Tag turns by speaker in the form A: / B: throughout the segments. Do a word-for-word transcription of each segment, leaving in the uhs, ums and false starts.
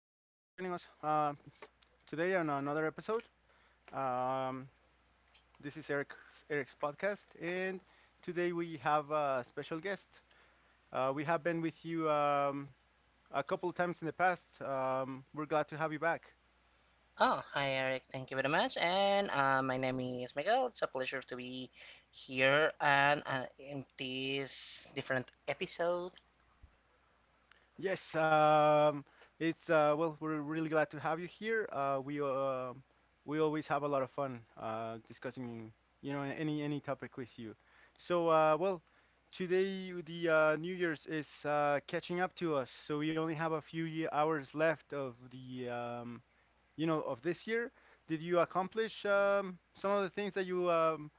A: us um, today on another episode. Um, this is Eric Eric's podcast, and today we have a special guest. Uh, we have been with you um, a couple of times in the past. Um, we're glad to have you back.
B: Oh, hi Eric. Thank you very much. And uh, my name is Miguel. It's a pleasure to be here and uh, in this different episode.
A: Yes, um, it's uh, well, we're really glad to have you here. Uh, we uh, we always have a lot of fun uh, discussing, you know, any any topic with you. So, uh, well, today the uh, New Year's is uh, catching up to us, so we only have a few ye hours left of the, um, you know, of this year. Did you accomplish um, some of the things that you um,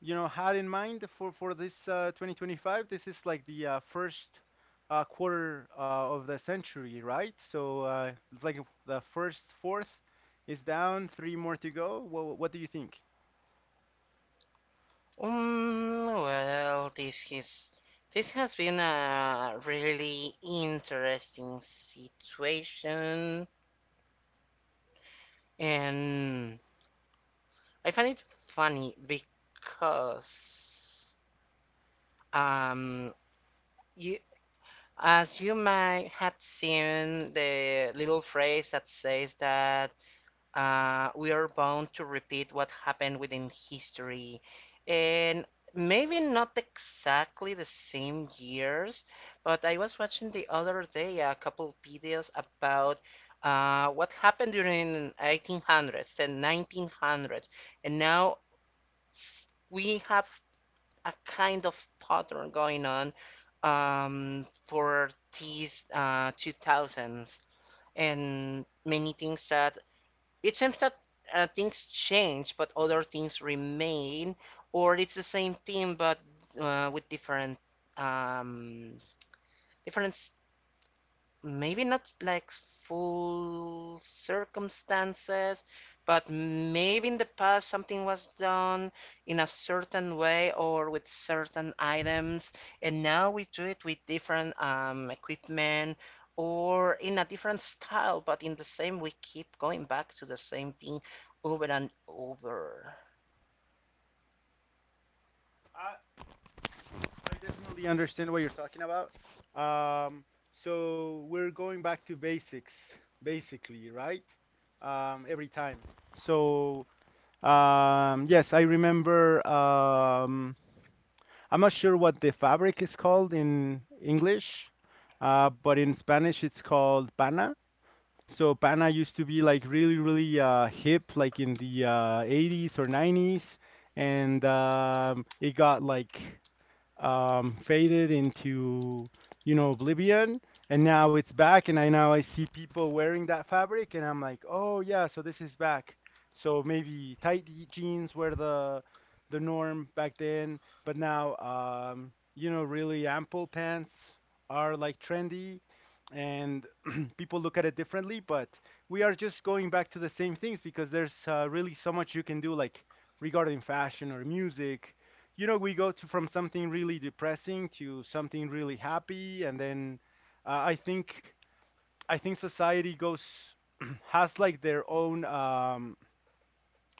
A: you know had in mind for for this uh, twenty twenty-five. This is like the uh, first uh, quarter uh, of the century, right? So uh, it's like the first fourth is down, three more to go. What, what do you think?
B: Um, well, this is this has been a really interesting situation, and I find it funny because um you as you might have seen the little phrase that says that uh, we are bound to repeat what happened within history. And maybe not exactly the same years, but I was watching the other day a couple videos about uh, what happened during eighteen hundreds and nineteen hundreds. And now s- we have a kind of pattern going on um, for these uh, two thousands. And many things that it seems that uh, things change, but other things remain, or it's the same team but uh, with different um, different maybe not like full circumstances, but maybe in the past something was done in a certain way or with certain items, and now we do it with different um, equipment or in a different style, but in the same, we keep going back to the same thing over and over.
A: I, I definitely understand what you're talking about. um, so we're going back to basics basically, right? um, every time so um, Yes, I remember. um, I'm not sure what the fabric is called in English, uh, but in Spanish it's called pana. So pana used to be like really, really uh, hip, like in the uh, eighties or nineties, and um, it got like um, faded into you know oblivion, and now it's back. And I now I see people wearing that fabric, and I'm like, oh yeah, so this is back. So maybe tight je- jeans were the the norm back then, but now um, you know really ample pants are like trendy. And people look at it differently, but we are just going back to the same things because there's uh, really so much you can do like regarding fashion or music. You know, we go to from something really depressing to something really happy. And then uh, i think I think society goes has like their own um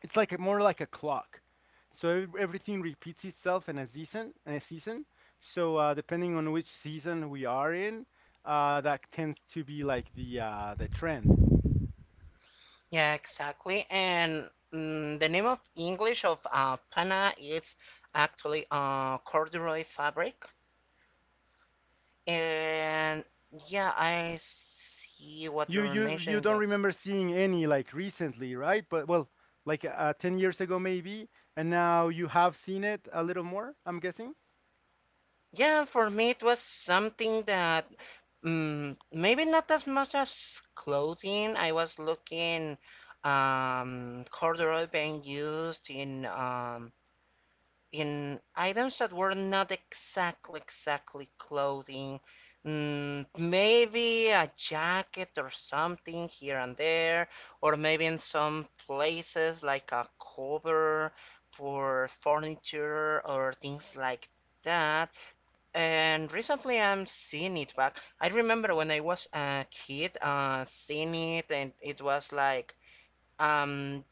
A: it's like a, more like a clock. So ev- everything repeats itself in a season in a season. So uh, depending on which season we are in, uh, that tends to be like the uh, the trend.
B: Yeah, exactly. And mm, the name of English of uh, pana, it's actually uh, corduroy fabric. And yeah, I see what
A: You
B: you're
A: you you
B: mentioning
A: don't
B: that.
A: remember seeing any like recently, right? But well, like uh, ten years ago maybe, and now you have seen it a little more, I'm guessing.
B: Yeah, for me it was something that, mm, maybe not as much as clothing. I was looking um corduroy being used in um in items that were not exactly exactly clothing, mm, maybe a jacket or something here and there, or maybe in some places like a cover for furniture or things like that. And recently I'm seeing it back. I remember when I was a kid, uh seeing it and it was like um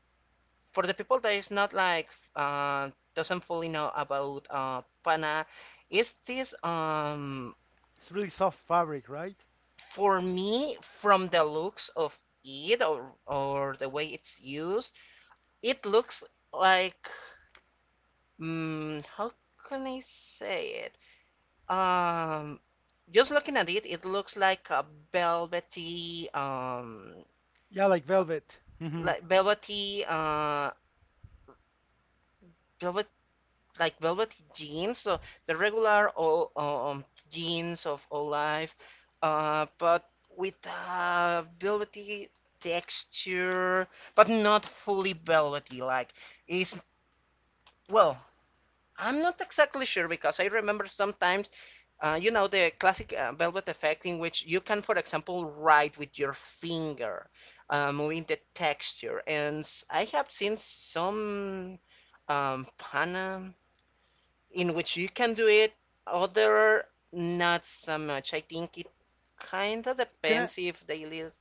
B: for the people that is not like uh, doesn't fully know about uh, Pana, is this um
A: It's really soft fabric, right?
B: for me, from the looks of it, or or the way it's used, it looks like mm how can I say it? Um, just looking at it, it looks like a velvety um
A: Yeah, like velvet. Hmm.
B: like velvety uh. like velvety jeans. So the regular all uh, um, jeans of Olive, uh, but with uh, velvety texture, but not fully velvety. Like, is, well, I'm not exactly sure because I remember sometimes. Uh, you know the classic uh, velvet effect in which you can, for example, write with your finger, uh, moving the texture. And I have seen some um, Panam in which you can do it, other not so much. I think it kind of
A: Can I
B: depends if they live.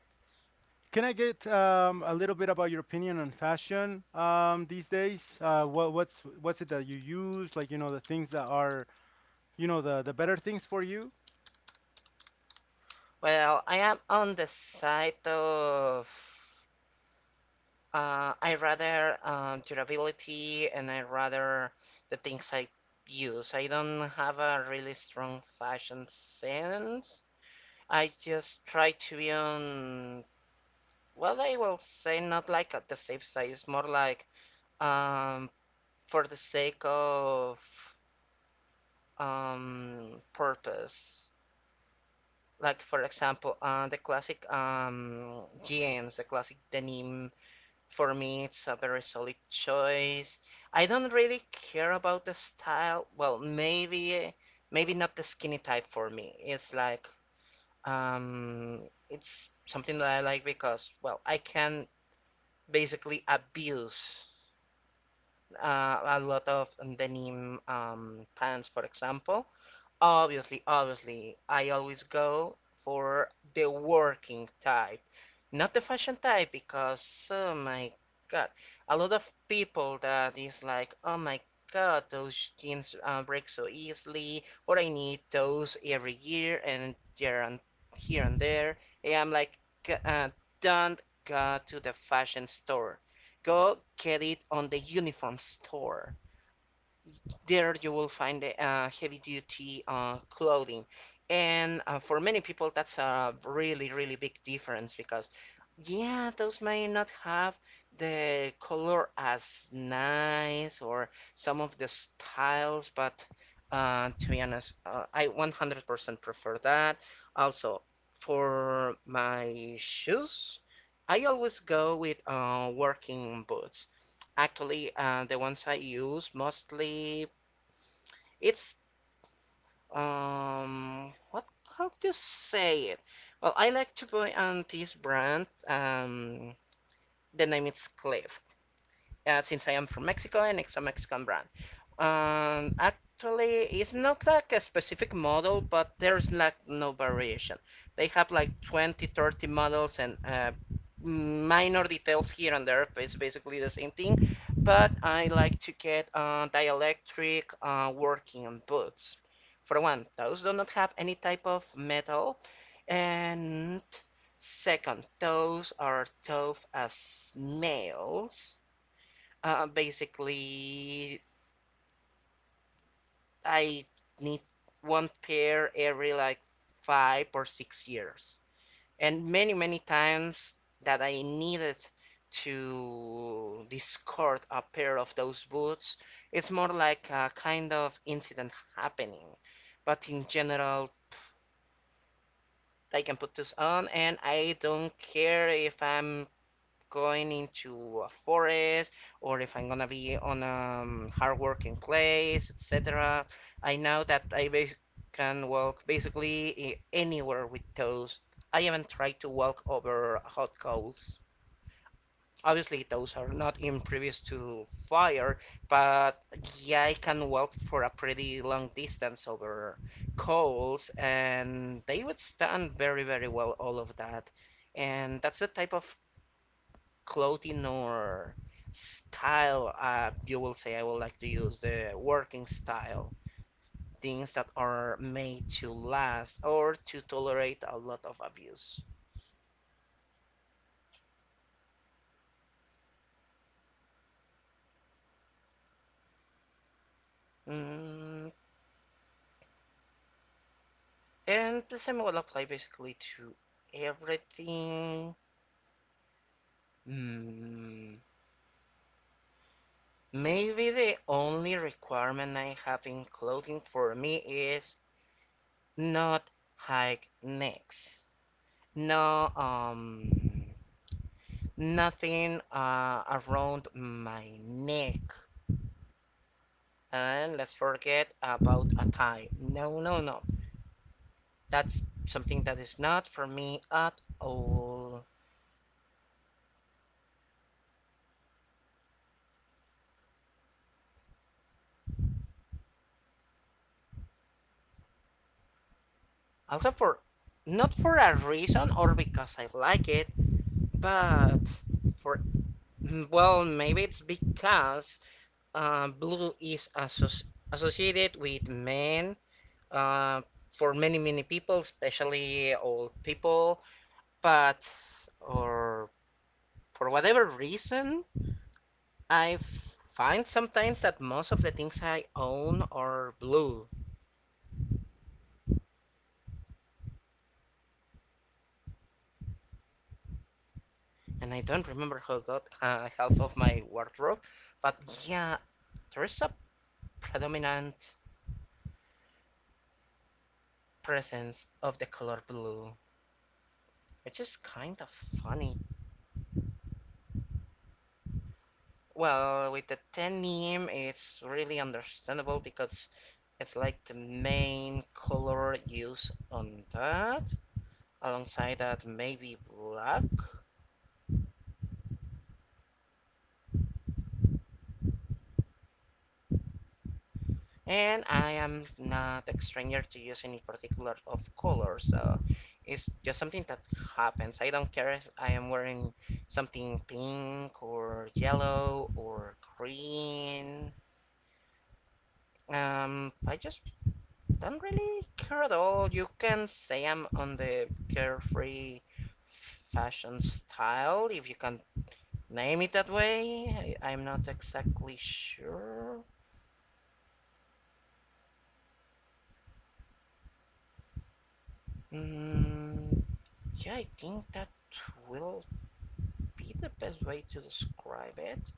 A: can I get um, a little bit about your opinion on fashion um, these days? Uh, what what's what's it that you use? Like, you know, the things that are, you know, the the better things for you.
B: Well, I am on the side of, uh, I rather, um, durability, and I rather the things I use. I don't have a really strong fashion sense. I just try to be on, well, I will say not like at the safe side, it's more like um, for the sake of um purpose. Like for example, uh, the classic um jeans, the classic denim. For me, it's a very solid choice. I don't really care about the style. Well, maybe maybe not the skinny type for me. It's like um it's something that I like because, well, I can basically abuse uh, a lot of denim um, pants, for example. Obviously, obviously, I always go for the working type, not the fashion type, because, oh my god, a lot of people that is like, oh my god, those jeans uh, break so easily, or I need those every year and here and here and there. And I'm like, "G- uh, don't go to the fashion store, go get it on the uniform store. There you will find uh, heavy duty uh, clothing. And uh, for many people, that's a really, really big difference because, yeah, those may not have the color as nice or some of the styles, but uh, to be honest, uh, I one hundred percent prefer that. Also, for my shoes, I always go with uh, working boots. Actually, uh, the ones I use mostly, it's um what how to say it? Well, I like to buy on this brand. Um, the name is Cliff, uh, since I am from Mexico and it's a Mexican brand. Um, actually, it's not like a specific model, but there's like no variation. They have like twenty, thirty models and uh, minor details here and there. It's basically the same thing, but I like to get uh, dielectric uh, working boots. For one, those do not have any type of metal, and second, those are tough as nails. Uh, basically, I need one pair every like five or six years. And many, many times that I needed to discard a pair of those boots, it's more like a kind of incident happening. But in general, I can put this on and I don't care if I'm going into a forest or if I'm gonna be on a um, hard working place, et cetera. I know that I bas- can walk basically eh, anywhere with toes. I haven't tried to walk over hot coals. Obviously, those are not impervious to fire, but yeah, I can walk for a pretty long distance over coals, and they would stand very, very well all of that. And that's the type of clothing or style, uh, you will say I would like to use the working style, things that are made to last or to tolerate a lot of abuse. Mm, and the same will apply basically to everything. Mm, Maybe the only requirement I have in clothing for me is not high necks. No, um, nothing uh, around my neck. And let's forget about a tie. No, no, no. That's something that is not for me at all. Also, for, not for a reason or because I like it, but for, well, maybe it's because uh, blue is associ- associated with men. Uh, for many many people, especially old people, but, or for whatever reason, I find sometimes that most of the things I own are blue, and I don't remember how I got uh, half of my wardrobe. But yeah, there is a predominant presence of the color blue, which is kind of funny. Well, with the ten meme, it's really understandable because it's like the main color used on that, alongside that maybe black. And I am not a stranger to use any particular of color, so it's just something that happens. I don't care if I am wearing something pink or yellow or green. um I just don't really care at all. You can say I'm on the carefree fashion style, if you can name it that way. I, I'm not exactly sure. mm, yeah, I think that will be the best way to describe it.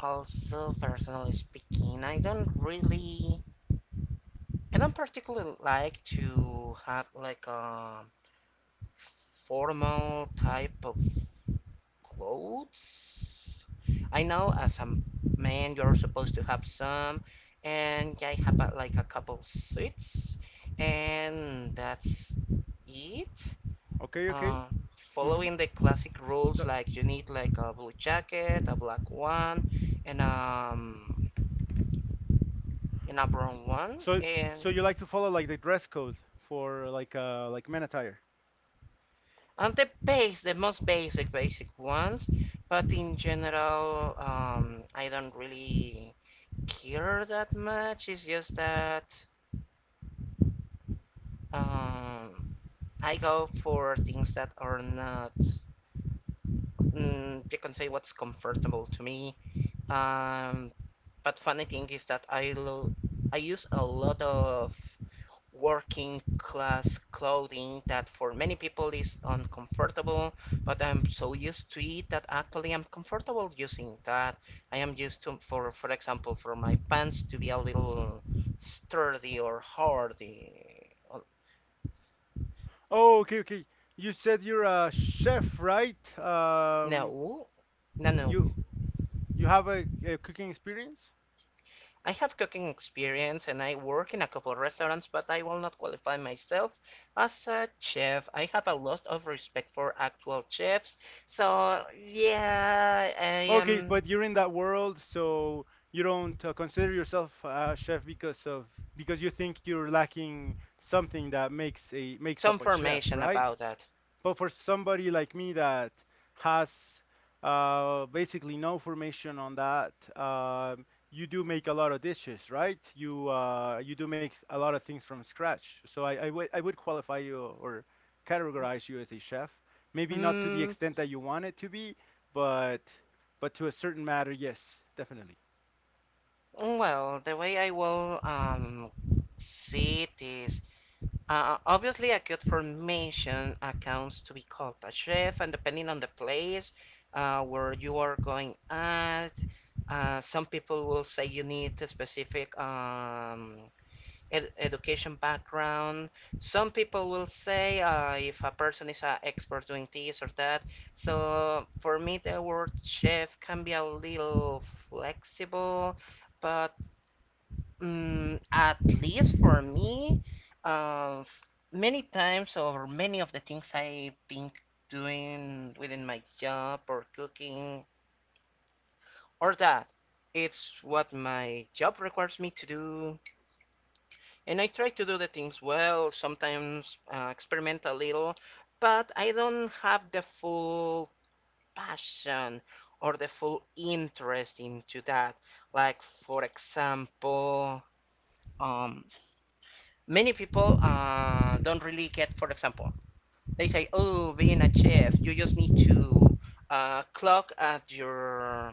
B: Also, personally speaking, I don't really, I don't particularly like to have like a formal type of clothes. I know as a man you're supposed to have some, and I have uh, like a couple suits, and that's it.
A: Okay,
B: uh,
A: okay. Hmm.
B: Following the classic rules, like you need like a blue jacket, a black one, and um and a brown one,
A: So so
B: and
A: you like to follow like the dress code for like uh like men attire.
B: and the base, the most basic basic ones. But in general, um, I don't really care that much. It's just that, um, I go for things that are not. Mm, you can say what's comfortable to me. Um, But funny thing is that I lo- I use a lot of working class clothing that for many people is uncomfortable, but I'm so used to it that actually I'm comfortable using that. I am used to, for for example, for my pants to be a little sturdy or hardy. Oh,
A: Oh, okay, okay. You said you're a chef, right? Um,
B: no, no, no.
A: you you have a, a cooking experience?
B: I have cooking experience and I work in a couple of restaurants, but I will not qualify myself as a chef. I have a lot of respect for actual chefs, so yeah, I
A: Okay,
B: am
A: but you're in that world, so you don't uh, consider yourself a chef because of because you think you're lacking something that makes a makes
B: some
A: up a chef,
B: information
A: right?
B: about that.
A: But for somebody like me that has uh, basically no formation on that, um, you do make a lot of dishes, right? You uh, you do make a lot of things from scratch. So I I would I would qualify you or categorize you as a chef. Maybe not to the
B: Mm,
A: extent that you want it to be, but but to a certain matter, yes, definitely.
B: well, the way I will um, see it is, Uh, obviously, a code formation accounts to be called a chef, and depending on the place uh, where you are going at, uh, some people will say you need a specific um, ed education background. Some people will say uh, if a person is an expert doing this or that. So for me, the word chef can be a little flexible, but, Mm, at least for me, um, f- many times or many of the things I think doing within my job or cooking or that, it's what my job requires me to do. And I try to do the things well, sometimes uh, experiment a little, but I don't have the full passion or the full interest into that. Like, for example, um. many people uh, don't really get, for example, they say, oh, being a chef you just need to uh, clock at your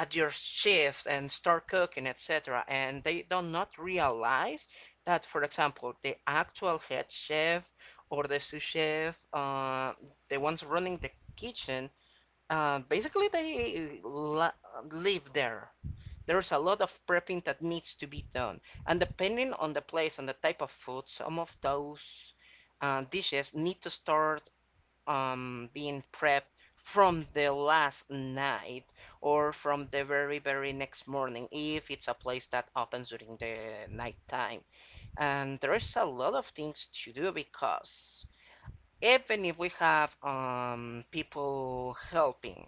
B: at your shift and start cooking, etc., and they don't not realize that, for example, the actual head chef or the sous chef, uh, the ones running the kitchen, uh, basically they uh, la- live there. There's a lot of prepping that needs to be done. And depending on the place and the type of food, some of those uh, dishes need to start um, being prepped from the last night, or from the very, very next morning if it's a place that opens during the night time. And there's a lot of things to do because even if we have um, people helping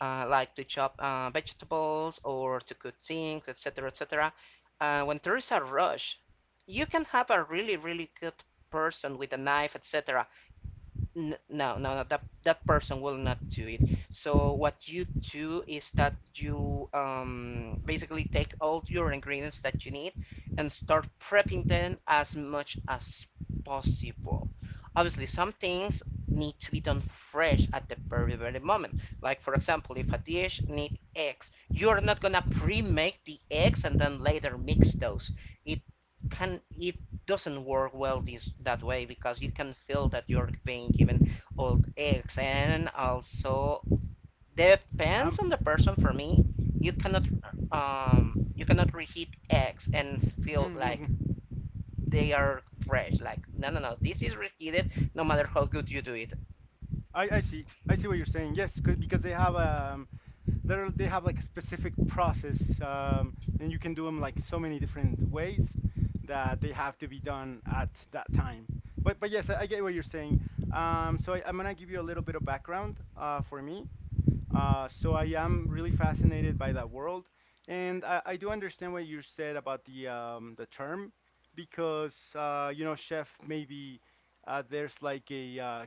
B: uh, like to chop uh, vegetables or to cook things, et cetera, et cetera. Uh, when there is a rush, you can have a really, really good person with a knife, et cetera. N- no, no, no. That that person will not do it. So what you do is that you um, basically take all your ingredients that you need and start prepping them as much as possible. Obviously, some things need to be done fresh at the very very moment. Like for example, if a dish need eggs, you are not gonna pre-make the eggs and then later mix those. It can it doesn't work well this that way, because you can feel that you're being given old eggs, and also depends
A: Um,
B: on the person. For me, you cannot, um you cannot reheat eggs and feel
A: mm,
B: like
A: mhm.
B: they are fresh. Like no, no, no, this is reheated no matter how good you do it.
A: I I see. I see what you're saying. Yes, 'cause- because they have a they're, they have like a specific process, um, and you can do them like so many different ways that they have to be done at that time. But but yes, I, I get what you're saying. Um, so I, I'm gonna give you a little bit of background uh, for me. Uh, so I am really fascinated by that world, and I, I do understand what you said about the um, the term because uh, you know chef maybe uh, there's like a uh,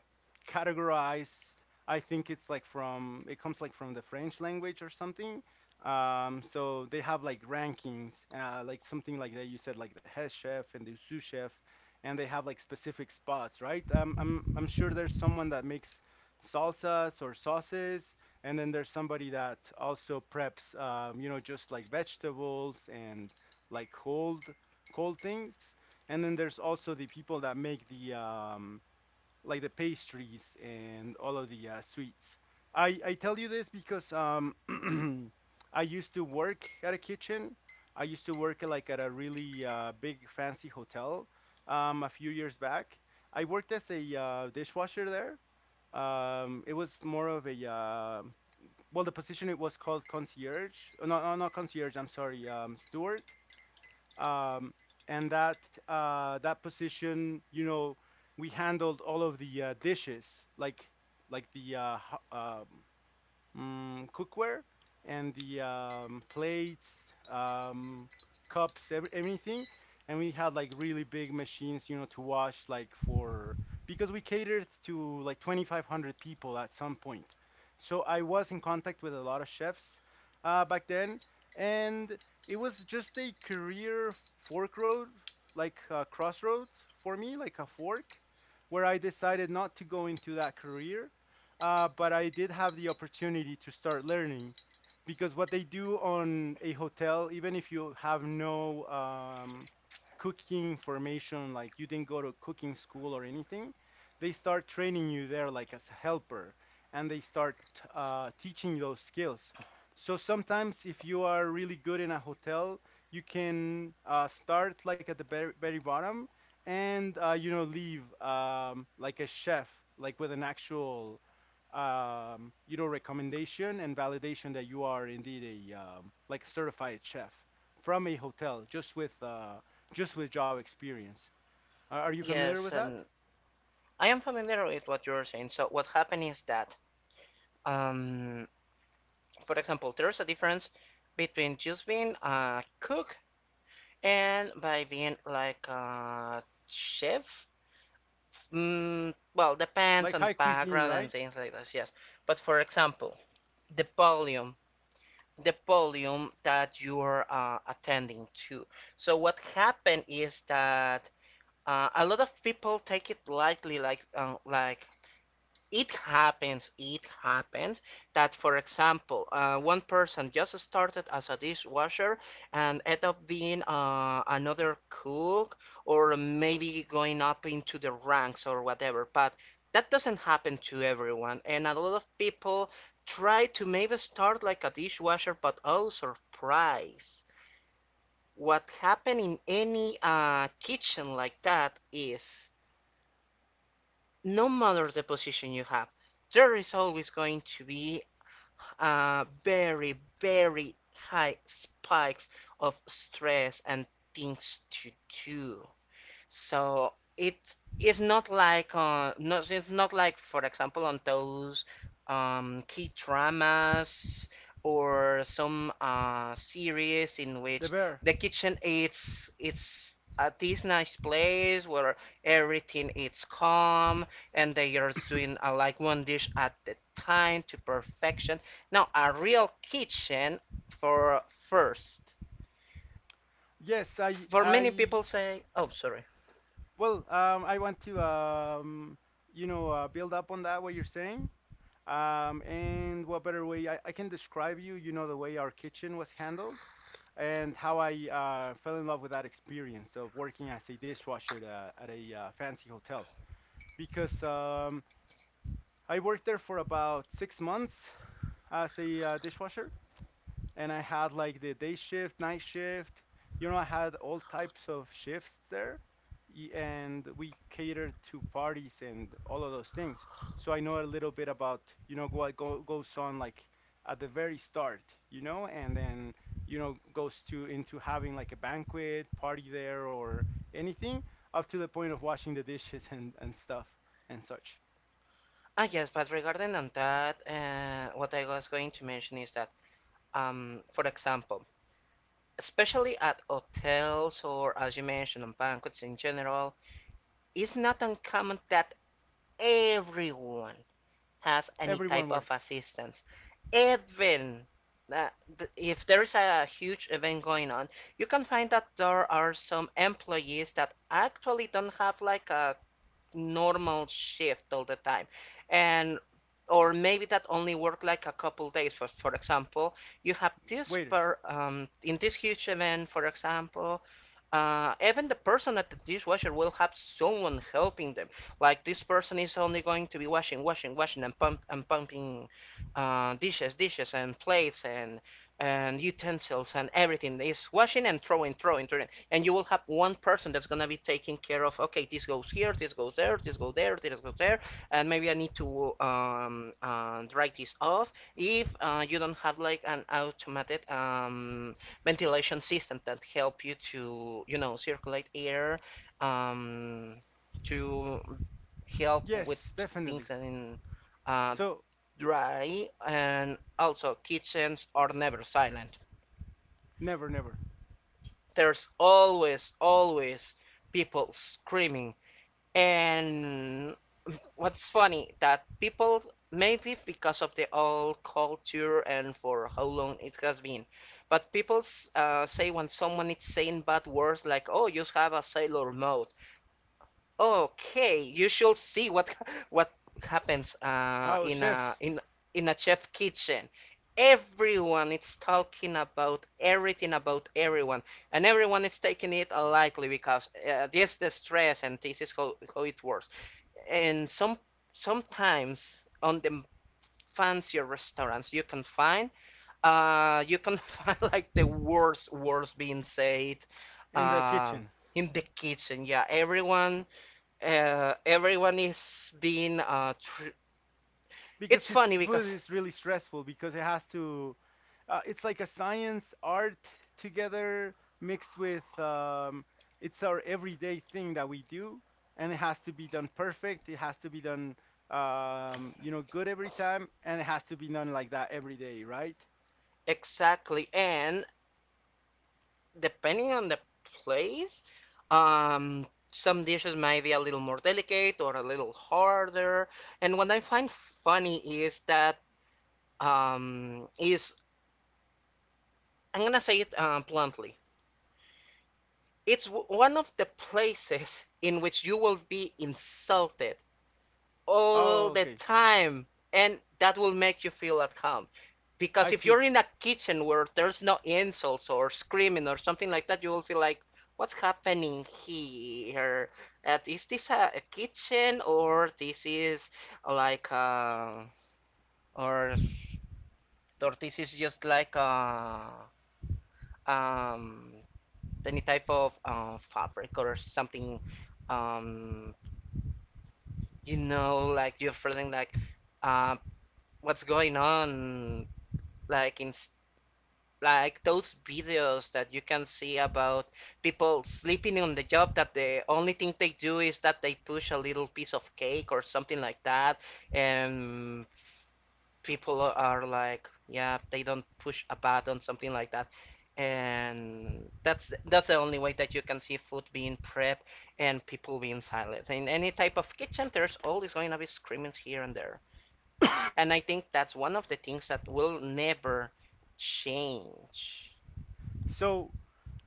A: categorized. I think it's like from it comes like from the French language or something. Um, so they have like rankings, uh, like something like that you said, like the head chef and the sous chef, and they have like specific spots, right? Um, I'm I'm sure there's someone that makes salsas or sauces, and then there's somebody that also preps, um, you know, just like vegetables and like cold cold things. And then there's also the people that make the um, like the pastries and all of the uh, sweets. I I tell you this because um, I used to work at a kitchen. I used to work at, like at a really uh, big fancy hotel um, a few years back. I worked as a uh, dishwasher there. Um, it was more of a uh, well, the position it was called concierge. uh, No, no, not concierge. I'm sorry, um, steward. Um, and that uh, that position, you know, we handled all of the uh, dishes, like like the uh, ho- um, um, cookware and the um, plates, um, cups, every, everything. And we had like really big machines, you know, to wash like for because we catered to like twenty-five hundred people at some point. So I was in contact with a lot of chefs uh, back then, and it was just a career fork road, like a crossroad for me, like a fork, where I decided not to go into that career, uh, but I did have the opportunity to start learning, because what they do on a hotel, even if you have no um, cooking formation, like you didn't go to cooking school or anything, they start training you there like as a helper, and they start uh, teaching you those skills. So sometimes if you are really good in a hotel, you can uh, start like at the very, very bottom and uh, you know leave um, like a chef, like with an actual um, you know, recommendation and validation that you are indeed a um, like a certified chef from a hotel, just with uh, just with job experience. Are are you familiar with
B: Yes,
A: that?
B: and I am familiar with what you're saying. So what happened is that, um for example, there's a difference between just being a cook and by being like a chef. Mm, well, depends
A: Like
B: on the
A: high cuisine,
B: background and
A: right?
B: things like this, yes. But for example, the volume, the volume that you're uh, attending to. So what happened is that, uh, a lot of people take it lightly, like um, like it happens it happens that, for example, uh, one person just started as a dishwasher and end up being uh, another cook, or maybe going up into the ranks or whatever. But that doesn't happen to everyone, and a lot of people try to maybe start like a dishwasher, but oh surprise, what happen in any uh, kitchen like that is no matter the position you have, there is always going to be uh, very, very high spikes of stress and things to do. So it is not like uh not it's not like for example on those um key dramas or some uh series in
A: The
B: which
A: bear.
B: the kitchen it's it's at this nice place where everything is calm, and they are doing uh, like one dish at the time to perfection. Now a real kitchen for first.
A: Yes, I,
B: For many
A: I,
B: people say, oh sorry.
A: well, um, I want to, um, you know, uh, build up on that what you're saying. Um, and what better way I, I can describe you, you know, the way our kitchen was handled. And how I uh, fell in love with that experience of working as a dishwasher uh, at a uh, fancy hotel because um, I worked there for about six months as a uh, dishwasher, and I had like the day shift, night shift. You know, I had all types of shifts there, y- and we catered to parties and all of those things. So I know a little bit about, you know, what go, goes on like at the very start, you know, and then, you know, goes to into having like a banquet party there or anything, up to the point of washing the dishes and, and stuff and such.
B: Ah, yes, but regarding on that, uh, what I was going to mention is that, um, for example, especially at hotels or as you mentioned on banquets in general, it's not uncommon that everyone has any
A: Everyone
B: type of
A: works.
B: assistance. Even uh, th- if there is a huge event going on, you can find that there are some employees that actually don't have like a normal shift all the time, and or maybe that only work like a couple days. for, for example, you have this
A: Waiters.
B: per um, in this huge event, for example, uh, even the person at the dishwasher will have someone helping them. Like this person is only going to be washing washing washing and pump and pumping uh, dishes dishes and plates and and utensils, and everything is washing and throwing throwing throwing. And you will have one person that's going to be taking care of okay, this goes here, this goes there, this goes there, this goes there. And maybe I need to um, uh, dry this off, if uh, you don't have like an automated um, ventilation system that help you to you know circulate air, um, to help with
A: Yes,
B: things
A: definitely.
B: and uh,
A: So
B: dry. And also kitchens are never silent.
A: never, never.
B: There's always, always people screaming. And what's funny, that people, maybe because of the old culture and for how long it has been, but people uh, say when someone is saying bad words like, "Oh, you have a sailor mouth." Okay, you should see what what happens uh,
A: Oh,
B: in a
A: chefs.
B: in in a chef kitchen. Everyone is talking about everything about everyone, and everyone is taking it lightly because, uh, this is the stress, and this is how, how it works. And some sometimes on the fancier restaurants you can find, uh, you can find like the worst words being said,
A: In the
B: uh,
A: kitchen
B: in the kitchen. Yeah, everyone uh, everyone is being uh, tr-
A: because
B: it's
A: his
B: funny
A: food
B: because
A: is really stressful because it has to uh, it's like a science art together mixed with um, it's our everyday thing that we do, and it has to be done perfect. It has to be done um, you know good every time, and it has to be done like that every day, right?
B: exactly. And depending on the place, um some dishes might be a little more delicate or a little harder. And what I find funny is that, um is I'm gonna say it uh, bluntly, it's w- one of the places in which you will be insulted all
A: Oh,
B: the
A: okay.
B: time, and that will make you feel at home.
A: I
B: Because if
A: see.
B: you're in a kitchen where there's no insults or screaming or something like that, you will feel like what's happening here. And is this a, a kitchen, or this is like uh or or this is just like uh um any type of uh, fabric or something. um you know, like you're feeling like, uh, what's going on, like in like those videos that you can see about people sleeping on the job, that the only thing they do is that they push a little piece of cake or something like that. And people are like, yeah, they don't push a button something like that. And that's that's the only way that you can see food being prepped and people being silent. In any type of kitchen there's always going to be screamings here and there, and I think that's one of the things that will never change.
A: So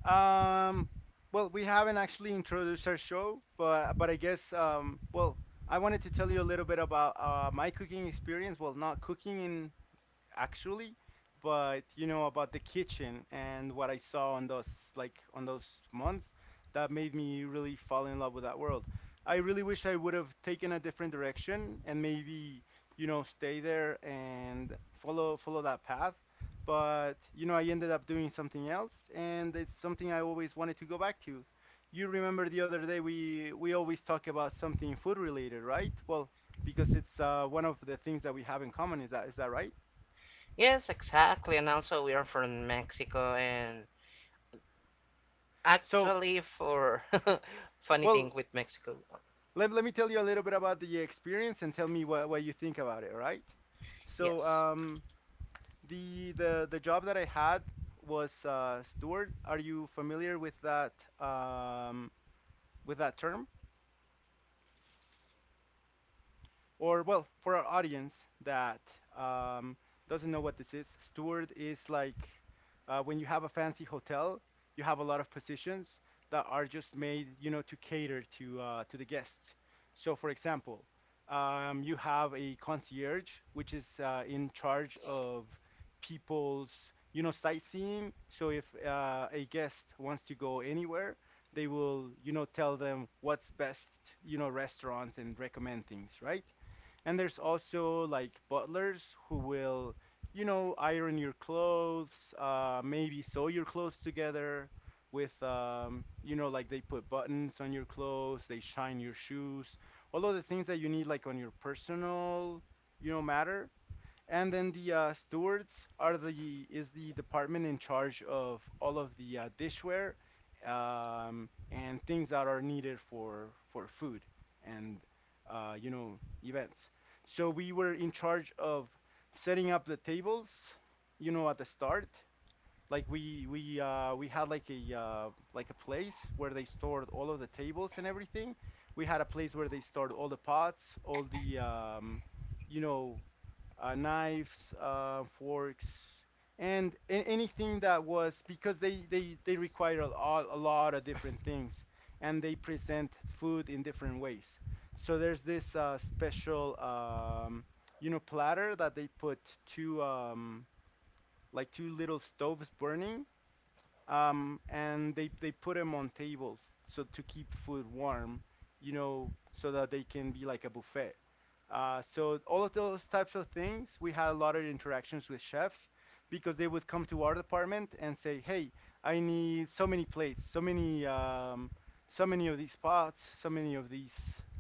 A: Um, well, we haven't actually introduced our show, but but I guess um, well, I wanted to tell you a little bit about uh, my cooking experience. Well, not cooking in actually, but you know about the kitchen and what I saw on those like on those months that made me really fall in love with that world. I really wish I would have taken a different direction, and maybe you know stay there and follow follow that path. But you know I ended up doing something else, and it's something I always wanted to go back to. You remember the other day we we always talk about something food related, right? Well, because it's uh, one of the things that we have in common. Is that is that right?
B: Yes, exactly. And also, we are from Mexico, and
A: So,
B: actually, for funny thing
A: well,
B: with Mexico,
A: let, let me tell you a little bit about the experience and tell me what, what you think about it, right? So,
B: yes,
A: um, the the the job that I had was uh, steward. Are you familiar with that um, with that term? Or well, for our audience that um, doesn't know what this is, steward is like uh, when you have a fancy hotel, you have a lot of positions that are just made, you know, to cater to uh, to the guests. So, for example, um, you have a concierge, which is uh, in charge of people's, you know, sightseeing. So, if uh, a guest wants to go anywhere, they will, you know, tell them what's best, you know, restaurants and recommend things, right? And there's also like butlers who will, you know, iron your clothes, uh, maybe sew your clothes together with, um, you know, like they put buttons on your clothes, they shine your shoes, all of the things that you need like on your personal, you know, matter. And then the uh, stewards are the is the department in charge of all of the uh, dishware um, and things that are needed for for food and uh, you know events. So we were in charge of setting up the tables, you know, at the start, like we we uh we had like a uh like a place where they stored all of the tables and everything. We had a place where they stored all the pots, all the um you know uh, knives, uh, forks, and a- anything that was, because they they they require a, lo- a lot of different things, and they present food in different ways. So there's this uh, special um, you know platter that they put two um, like two little stoves burning, um, and they they put them on tables so to keep food warm, you know, so that they can be like a buffet. Uh, so all of those types of things, we had a lot of interactions with chefs because they would come to our department and say, "Hey, I need so many plates, so many, um, so many of these pots, so many of these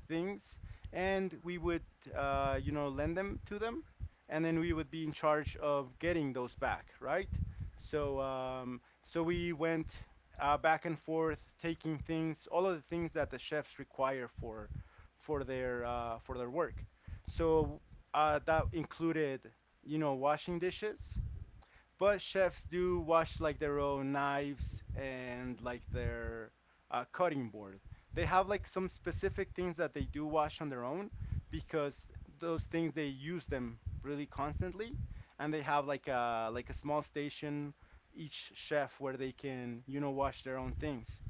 A: things," and we would, uh, you know, lend them to them, and then we would be in charge of getting those back, right? So. Um, so we went uh, back and forth, taking things, all of the things that the chefs require for for their uh, for their work. So uh, that included, you know, washing dishes, but chefs do wash like their own knives and like their uh, cutting board. They have like some specific things that they do wash on their own because those things they use them really constantly, and they have like a like a small station, each chef, where they can you know wash their own things.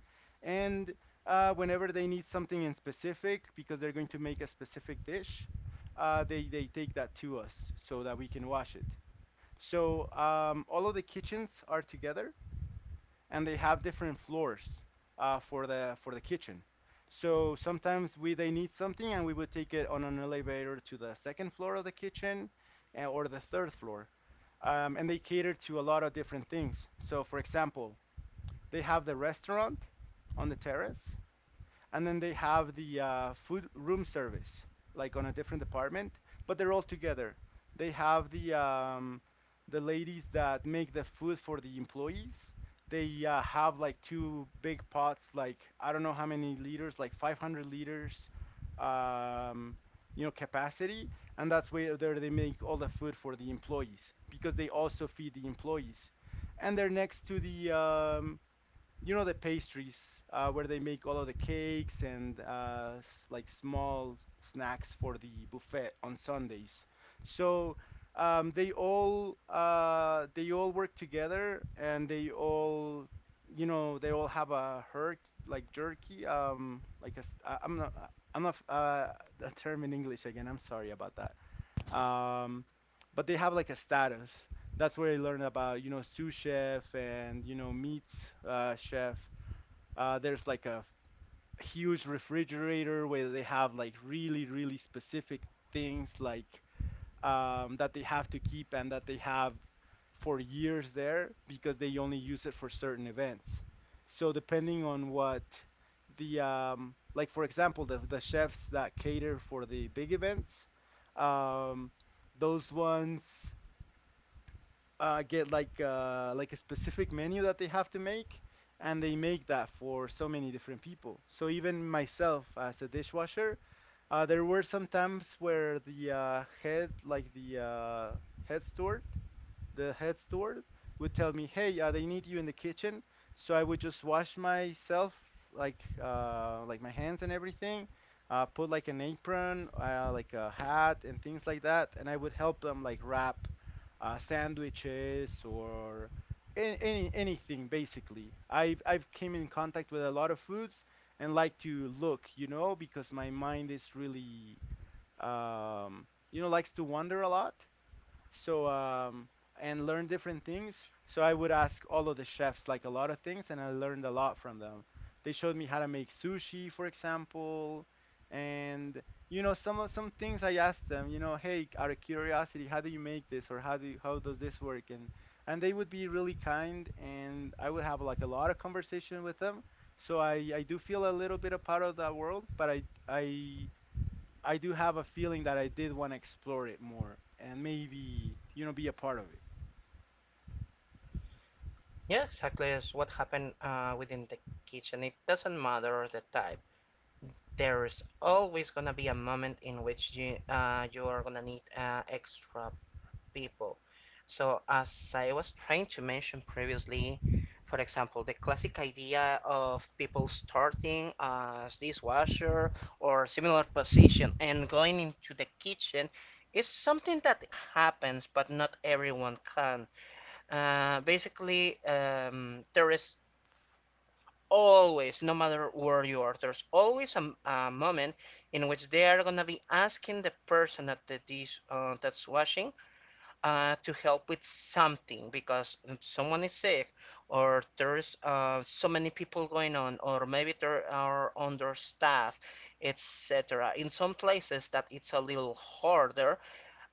A: And uh, whenever they need something in specific because they're going to make a specific dish, uh, they they take that to us so that we can wash it. So um, all of the kitchens are together, and they have different floors uh, for the for the kitchen. So sometimes we they need something, and we would take it on an elevator to the second floor of the kitchen, uh, or the third floor. Um, and they cater to a lot of different things. So for example, they have the restaurant on the terrace, and then they have the uh, food room service like on a different department, but they're all together. They have the um, the ladies that make the food for the employees. They uh, have like two big pots, like I don't know how many liters, like five hundred liters, um, you know, capacity, and that's where there they make all the food for the employees, because they also feed the employees. And they're next to the um, you know the pastries, uh, where they make all of the cakes and uh, s- like small snacks for the buffet on Sundays. So um, they all uh, they all work together, and they all you know they all have a herd like jerky, um like a, s- uh, I'm not uh, I'm not uh, the term in English again. I'm sorry about um, but they have like a status. That's where I learned about you know sous chef and you know meats uh, chef. Uh, there's like a huge refrigerator where they have like really really specific things like, um, that they have to keep and that they have for years there, because they only use it for certain events. So depending on what the um, like for example the the chefs that cater for the big events, um, those ones uh, get like uh, like a specific menu that they have to make, and they make that for so many different people. So even myself as a dishwasher, uh, there were some times where the uh, head, like the uh, head store, the head steward would tell me, "Hey, uh, they need you in the kitchen." So I would just wash myself, like uh, like my hands and everything, uh, put like an apron, uh, like a hat and things like that, and I would help them like wrap uh, sandwiches or any, any anything basically. I've I've came in contact with a lot of foods, and like to look, you know, because my mind is really, um, you know, likes to wander a lot. So um, and learn different things. So I would ask all of the chefs like a lot of things, and I learned a lot from them. They showed me how to make sushi, for example, and you know some of- some things I asked them. You know, hey, out of curiosity, how do you make this, or how do you, how does this work? And and they would be really kind, and I would have like a lot of conversation with them. So I I do feel a little bit a part of that world, but I I I do have a feeling that I did want to explore it more and maybe, you know, be a part of it.
B: yeah, exactly. Is what happened uh, within the kitchen. It doesn't matter the type. There is always gonna be a moment in which you uh, you are gonna need uh, extra people. So, as I was trying to mention previously, for example, the classic idea of people starting as dishwasher or similar position and going into the kitchen is something that happens, but not everyone can. Uh, basically, um, there is always, no matter where you are, there's always a, a moment in which they are gonna be asking the person at the dish uh, that's washing uh, to help with something. Because someone is sick, or there's uh, so many people going on, or maybe there are understaffed, etc. in some places that it's a little harder.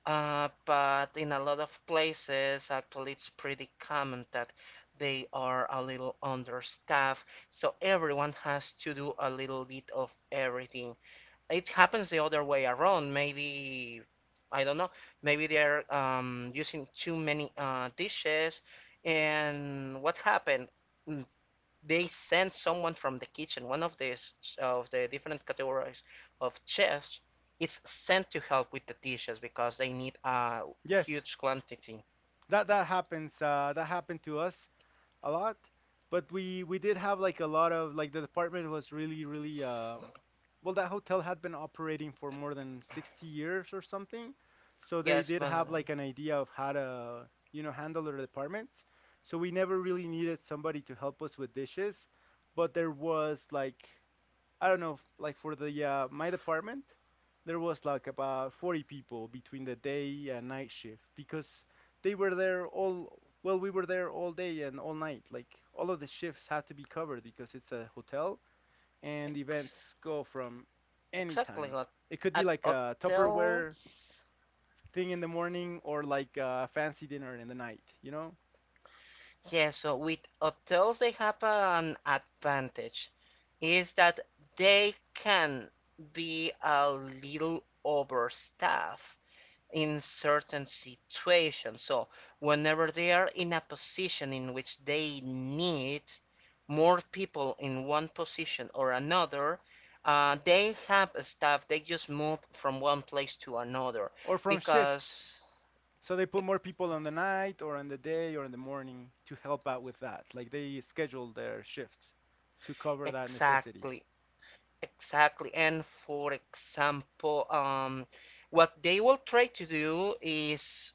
B: uh, But in a lot of places actually it's pretty common that they are a little understaffed, so everyone has to do a little bit of everything. It happens the other way around. Maybe I don't know. Maybe they're um, using too many uh, dishes, and what happened? Mm, they sent someone from the kitchen. One of these of the different categories of chefs it's sent to help with the dishes because they need a
A: Yes,
B: huge quantity.
A: that that happens. Uh, that happened to us a lot, but we we did have like a lot of, like the department was really really, um well, that hotel had been operating for more than sixty years or something, so they
B: Yes,
A: did
B: but
A: have
B: uh,
A: like an idea of how to you know handle their departments. So we never really needed somebody to help us with dishes, but there was like, I don't know, f- like for the uh, my department, there was like about forty people between the day and night shift, because they were there all, well, we were there all day and all night. Like all of the shifts had to be covered because it's a hotel and
B: ex
A: events go from any
B: exactly.
A: time.
B: What
A: It could be
B: at
A: like a Tupperware
B: hotels?
A: thing in the morning or like a fancy dinner in the night, you know?
B: Yeah, so with hotels, they have an advantage, is that they can be a little overstaffed in certain situations. So, whenever they are in a position in which they need more people in one position or another, uh, they have staff, they just move from one place to another
A: Or from shifts.
B: because.
A: So they put
B: e-,
A: more people on the night or on the day or in the morning to help out with that. Like they schedule their shifts to cover that necessity.
B: Exactly. Exactly. And for example, um, what they will try to do is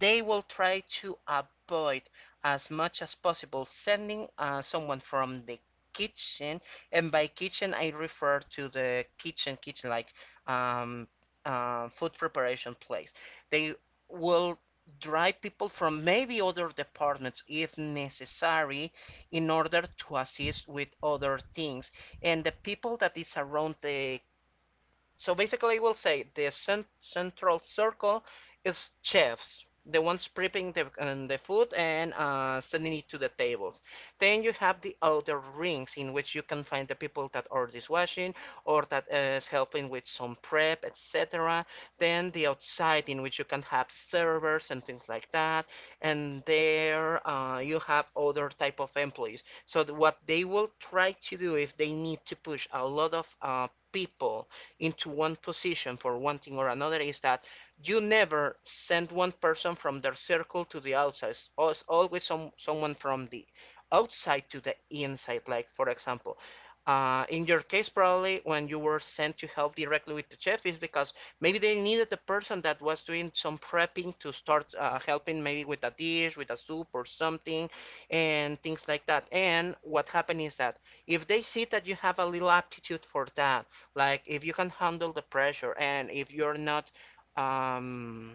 B: they will try to avoid as much as possible sending uh, someone from the kitchen. And by kitchen, I refer to the kitchen, kitchen, like, um, uh, food preparation place. They will drive people from maybe other departments if necessary in order to assist with other things. And the people that is around the, so basically, we'll say the cent- central circle is chefs, the ones prepping the, um, the food and uh, sending it to the tables. Then you have the outer rings in which you can find the people that are dishwashing or that is helping with some prep, et cetera. Then the outside in which you can have servers and things like that. And there uh, you have other type of employees. So what they will try to do if they need to push a lot of uh, people into one position for one thing or another is that you never send one person from their circle to the outside. It's always always some, someone from the outside to the inside. Like, for example, uh, in your case, probably when you were sent to help directly with the chef, is because maybe they needed the person that was doing some prepping to start uh, helping, maybe with a dish, with a soup or something, and things like that. And what happened is that if they see that you have a little aptitude for that, like if you can handle the pressure and if you're not um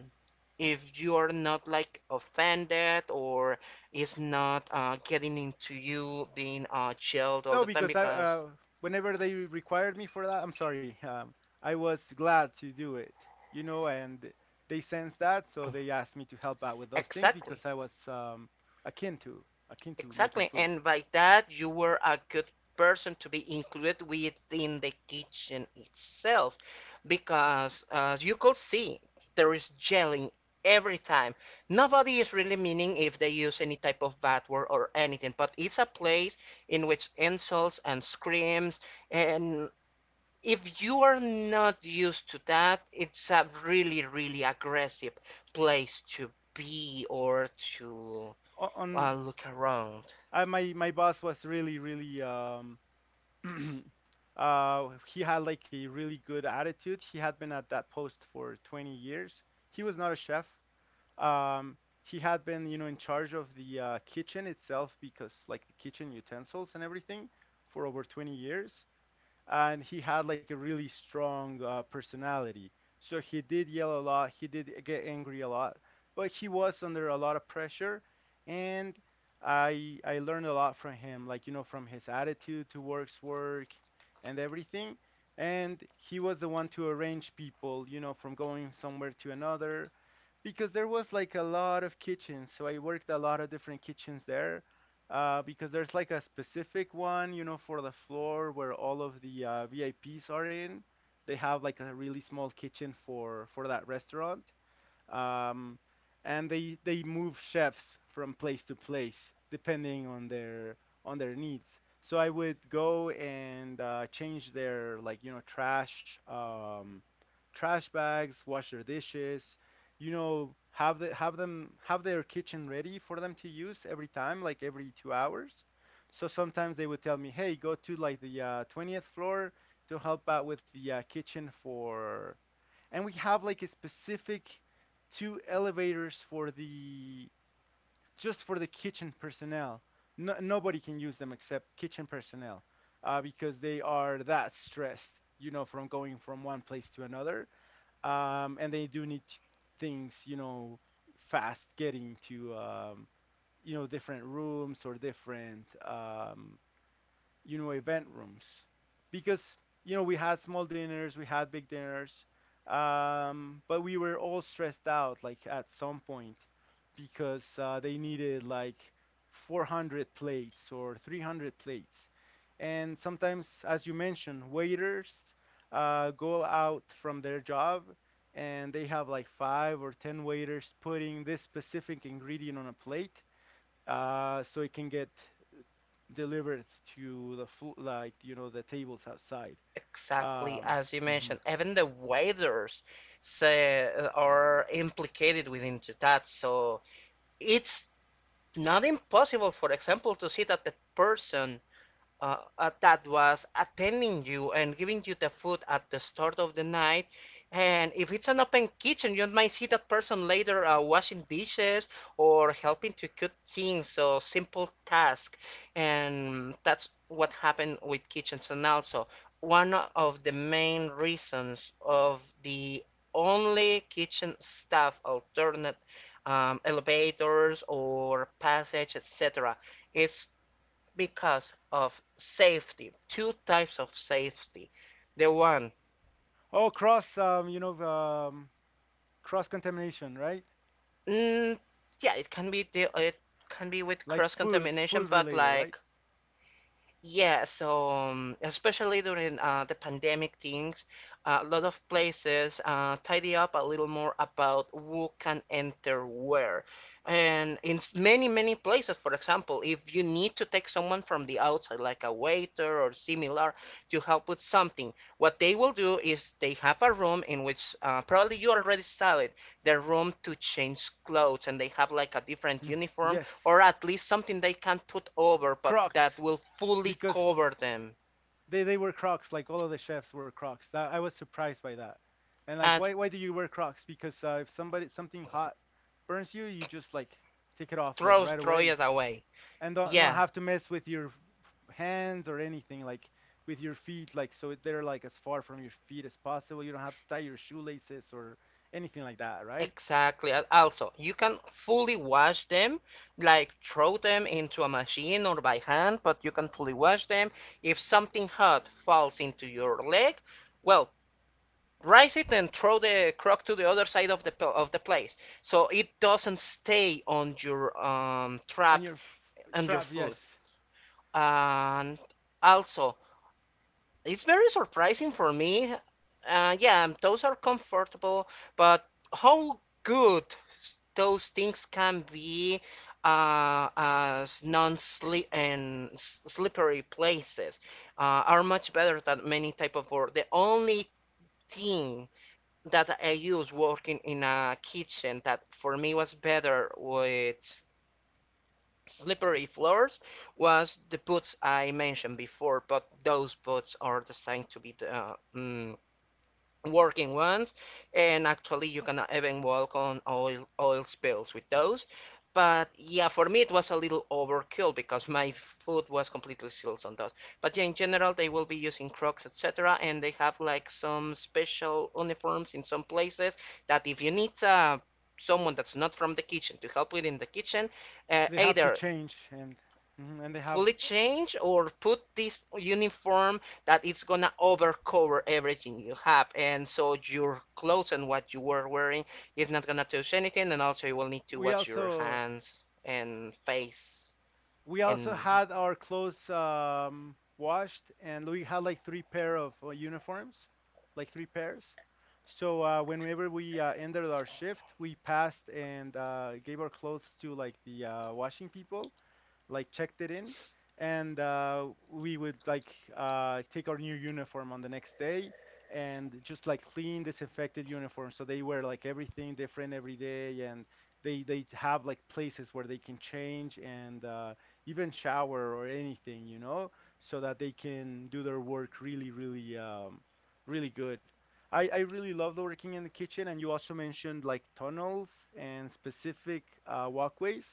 B: if you're not like offended or is not uh, getting into you being uh, jailed all
A: No,
B: the time
A: because I
B: because
A: uh, whenever they required me for that, I'm sorry, um, I was glad to do it, you know, and they sensed that, so they asked me to help out with those things
B: exactly.
A: because I was um, akin to akin to making
B: Exactly.
A: food.
B: And by that, you were a good person to be included within the kitchen itself because, as you could see, there is yelling every time. Nobody is really meaning if they use any type of bad word or anything, but it's a place in which insults and screams, and if you are not used to that, it's a really, really aggressive place to be or to
A: O-
B: uh,
A: On
B: look around.
A: I, my my boss was really really, um, uh, he had like a really good attitude. He had been at that post for twenty years. He was not a chef. Um, he had been, you know, in charge of the uh, kitchen itself, because like the kitchen utensils and everything, for over twenty years, and he had like a really strong uh, personality. So he did yell a lot, he did get angry a lot, but he was under a lot of pressure, and I I learned a lot from him, like you know from his attitude towards work and everything. And he was the one to arrange people, you know, from going somewhere to another, because there was like a lot of kitchens. So I worked a lot of different kitchens there, uh, because there's like a specific one, you know, for the floor where all of the uh, V I Ps are in. They have like a really small kitchen for for that restaurant, um, and they they move chefs from place to place depending on their on their needs. So I would go and uh, change their like you know trash, um, trash bags, wash their dishes, you know have the, have them have their kitchen ready for them to use every time, like every two hours. So sometimes they would tell me, hey, go to like the uh, twentieth floor to help out with the uh, kitchen for, and we have like a specific two elevators for the, just for the kitchen personnel. No, nobody can use them except kitchen personnel uh, because they are that stressed, you know, from going from one place to another, um, and they do need things, you know, fast getting to um, you know, different rooms or different um, you know, event rooms because, you know, we had small dinners, we had big dinners, um, but we were all stressed out like at some point because uh, they needed like four hundred plates or three hundred plates. And sometimes, as you mentioned, waiters uh, go out from their job, and they have like five or ten waiters putting this specific ingredient on a plate, uh, so it can get delivered to the food, like, you know, the tables outside.
B: Exactly
A: Um,
B: as you
A: mhm.
B: mentioned, even the waiters say, are implicated within to that. So it's not impossible, for example, to see that the person uh, uh, that was attending you and giving you the food at the start of the night. And if it's an open kitchen, you might see that person later uh, washing dishes or helping to cook things, so simple task. And that's what happened with kitchens. And also, one of the main reasons of the only kitchen staff alternate um, elevators or passage, et cetera. It's because of safety. Two types of safety. The one,
A: Oh, cross, um, you know, um, cross contamination, right?
B: mm, yeah, it can be the it can be with
A: Like
B: cross
A: food,
B: contamination,
A: food
B: but
A: related, right?
B: like yeah, so um, especially during uh, the pandemic things, uh, a lot of places uh, tidy up a little more about who can enter where. And in s- many, many places, for example, if you need to take someone from the outside, like a waiter or similar, to help with something, what they will do is they have a room in which uh, probably you already saw it, the room to change clothes, and they have like a different
A: Hmm.
B: uniform
A: Yes.
B: or at least something they can put over, but that
A: Crocs,
B: will fully
A: because
B: cover them
A: they they were Crocs. Like all of the chefs were Crocs. That I was surprised by that. And like,
B: and
A: why why do you wear Crocs? Because uh, if somebody, something hot burns you, you just like take it off like
B: throw
A: right
B: throw
A: away.
B: it away.
A: And don't not
B: Yeah,
A: have to mess with your hands or anything, like with your feet, like, so they're like as far from your feet as possible. You don't have to tie your shoelaces or anything like that, right?
B: exactly. Also, you can fully wash them, like throw them into a machine or by hand, but you can fully wash them. If something hot falls into your leg, well, rinse it and throw the crock to the other side of the of the place, so it doesn't stay on your um,
A: On
B: trap
A: your f-
B: and your
A: trap,
B: food.
A: yes.
B: And also, it's very surprising for me. Uh, yeah, those are comfortable, but how good those things can be uh, as non-slip and s- slippery places uh, are much better than many type of work. The only thing that I use working in a kitchen that for me was better with slippery floors was the boots I mentioned before, but those boots are designed to be the uh, mm, working ones, and actually you cannot even walk on oil oil spills with those. But yeah, for me it was a little overkill because my foot was completely sealed on those. But yeah, in general they will be using Crocs, et cetera, and they have like some special uniforms in some places that if you need uh, someone that's not from the kitchen to help with in the kitchen, uh,
A: They have to
B: either
A: change, and mhm, and they have,
B: fully change or put this uniform that it's gonna overcover everything you have and so your clothes and what you were wearing is not gonna touch anything and also you will need to
A: we
B: watch your
A: also
B: hands and face
A: we also
B: and
A: had our clothes um, washed, and we had like three pair of uh, uniforms, like three pairs. So uh, whenever we uh, ended our shift, we passed and uh, gave our clothes to like the uh, washing people, like checked it in, and uh, we would like uh, take our new uniform on the next day, and just like clean, disinfected uniform. So they wear like everything different every day, and they they have like places where they can change and uh, even shower or anything, you know, so that they can do their work really, really, um, really good. I, I really loved working in the kitchen, and you also mentioned like tunnels and specific uh, walkways.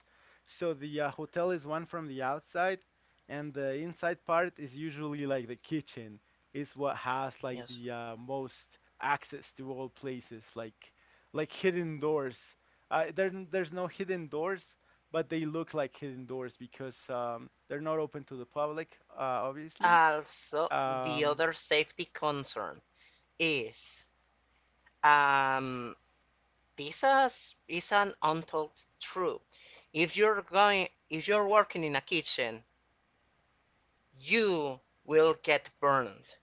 A: So the uh, hotel is one from the outside, and the inside part is usually like the kitchen is what has like
B: yes
A: the uh, most access to all places, like like hidden doors. Uh, there n- there's no hidden doors, but they look like hidden doors because um, they're not open to the public, uh, obviously.
B: also the
A: Um,
B: other safety concern is um this is, is an untold truth if you're going if you're working in a kitchen you will get burned.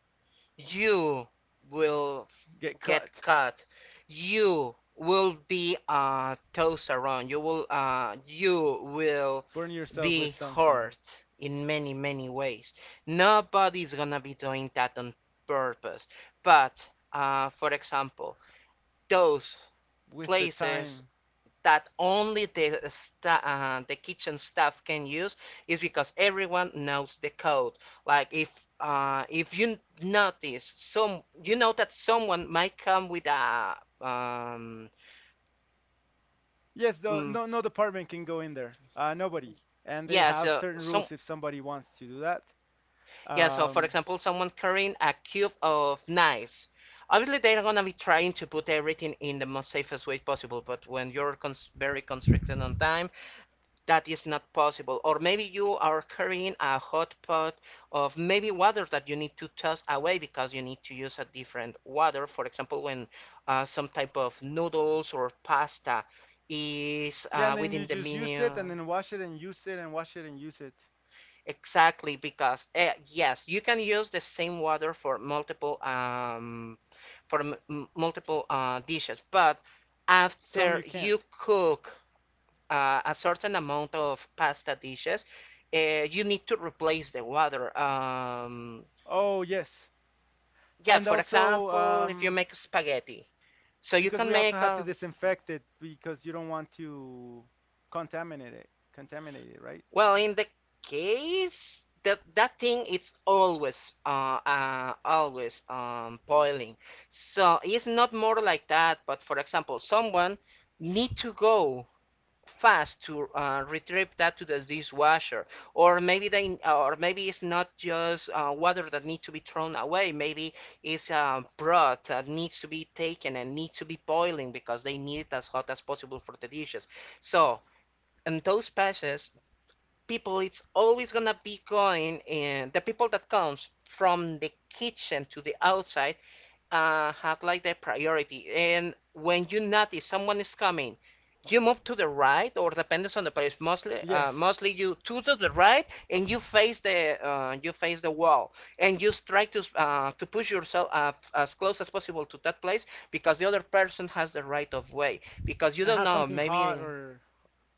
B: You will
A: get cut,
B: get cut. You will be uh, tossed around. You will uh, you will
A: burn yourself
B: be
A: with something,
B: hurt in many many ways. Nobody's gonna be doing that on purpose. But uh, for example, those
A: with the
B: places
A: time.
B: that only the sta- uh, the kitchen staff can use is because everyone knows the code. Like if uh, if you notice some, you know that someone might come with a um,
A: Yes, though
B: mm,
A: no no department can go in there. Uh, nobody, and they
B: yeah.
A: have
B: So
A: certain
B: some
A: rules if somebody wants to do that.
B: yeah. So for
A: Um,
B: example, someone carrying a cube of knives. Obviously, they're gonna be trying to put everything in the most safest way possible. But when you're cons- very constricted on time, that is not possible. Or maybe you are carrying a hot pot of maybe water that you need to toss away because you need to use a different water. For example, when uh, some type of noodles or pasta is
A: yeah, and
B: uh,
A: then you
B: within the
A: just use it,
B: menu.
A: and then wash it, and use it, and wash it, and use it.
B: Exactly, because uh, yes, you can use the same water for multiple um, for m multiple uh, dishes, but
A: Some you
B: after
A: can't.
B: you cook uh, a certain amount of pasta dishes, uh, you need to replace the water. Um,
A: Oh yes,
B: yeah,
A: and
B: for
A: also,
B: example, if you
A: um,
B: make spaghetti, so you
A: because
B: can
A: we also
B: make
A: had to
B: a
A: disinfect it because you don't want to contaminate it. Contaminate it, right?
B: well, in the case that that thing it's always uh, uh always um boiling. So it's not more like that, but for example, someone need to go fast to uh, retrieve that to the dishwasher or maybe they or maybe it's not just uh, water that needs to be thrown away maybe it's uh, broth that needs to be taken and needs to be boiling because they need it as hot as possible for the dishes so in those patches people it's always gonna be going in the people that comes from the kitchen to the outside uh, have like the priority. And when you notice someone is coming, you move to the right, or depends on the place. Mostly, uh,
A: Yes,
B: mostly you two to the right, and you face the uh, you face the wall, and you try to uh, to push yourself uh, as close as possible to that place because the other person has the right of way. Because you
A: and
B: don't
A: have
B: know,
A: something hot
B: maybe
A: or.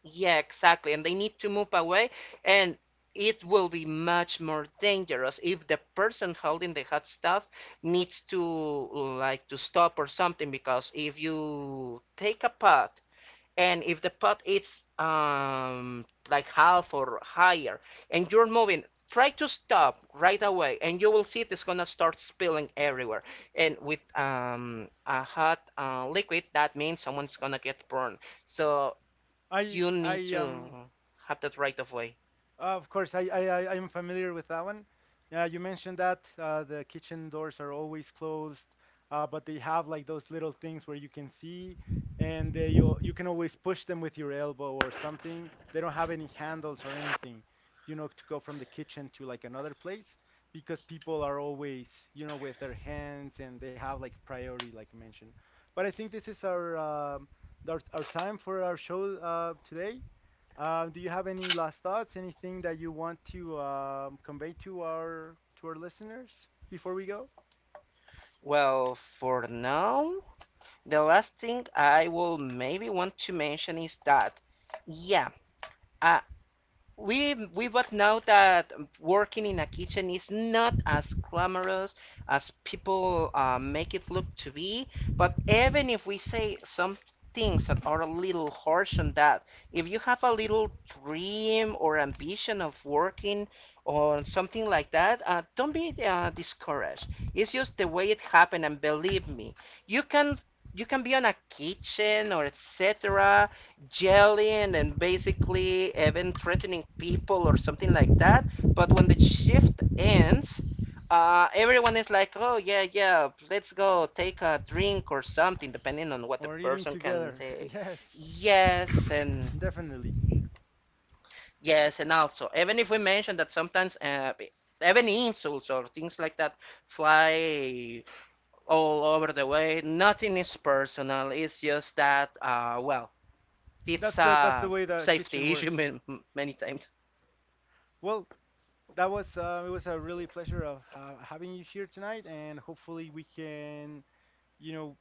B: yeah, exactly. And they need to move away, and it will be much more dangerous if the person holding the hot stuff needs to like to stop or something because if you take a pot and if the pot is um like half or higher and you're moving, try to stop right away and you will see it's gonna start spilling everywhere. And with um a hot uh, liquid, that means someone's gonna get burned. So
A: I
B: you need
A: I um
B: to have that right of way.
A: uh, of course, I, I, I am familiar with that one. Yeah, you mentioned that uh, the kitchen doors are always closed, uh, but they have like those little things where you can see, and uh, you you can always push them with your elbow or something. They don't have any handles or anything, you know, to go from the kitchen to like another place because people are always, you know, with their hands, and they have like priority, like you mentioned. But I think this is our um, our, our time for our show uh, today. Uh, do you have any last thoughts? Anything that you want to um, convey to our to our listeners before we go?
B: Well, for now, the last thing I will maybe want to mention is that, yeah, uh, we we both know that working in a kitchen is not as glamorous as people uh, make it look to be. But even if we say some things that are a little harsh on that, if you have a little dream or ambition of working or something like that, uh, don't be uh, discouraged. It's just the way it happened, and believe me, you can. You can be on a kitchen or et cetera. Yelling and basically even threatening people or something like that. But when the shift ends, uh, everyone is like, oh, yeah, yeah, let's go take a drink or something, depending on what the
A: Or eating
B: person can
A: together?
B: take.
A: Yes,
B: Yes, and
A: definitely.
B: yes, and also, even if we mention that sometimes uh, even insults or things like that fly all over the way, nothing is personal. It's just that, uh, well, it's
A: That's the, that's the
B: a
A: way the kitchen
B: safety issue
A: works.
B: man- many times.
A: Well, that was uh, it was a really pleasure of uh, having you here tonight, and hopefully we can, you know,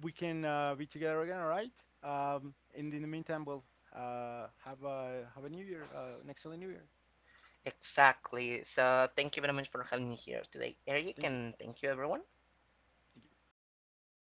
A: we can uh, be together again. All right. Um, and in the meantime, we'll uh, have a, have a new year, uh, an excellent new year.
B: Exactly. So thank you very much for having me here today, Eric,
A: Thank you.
B: and thank you everyone.
A: Thank you.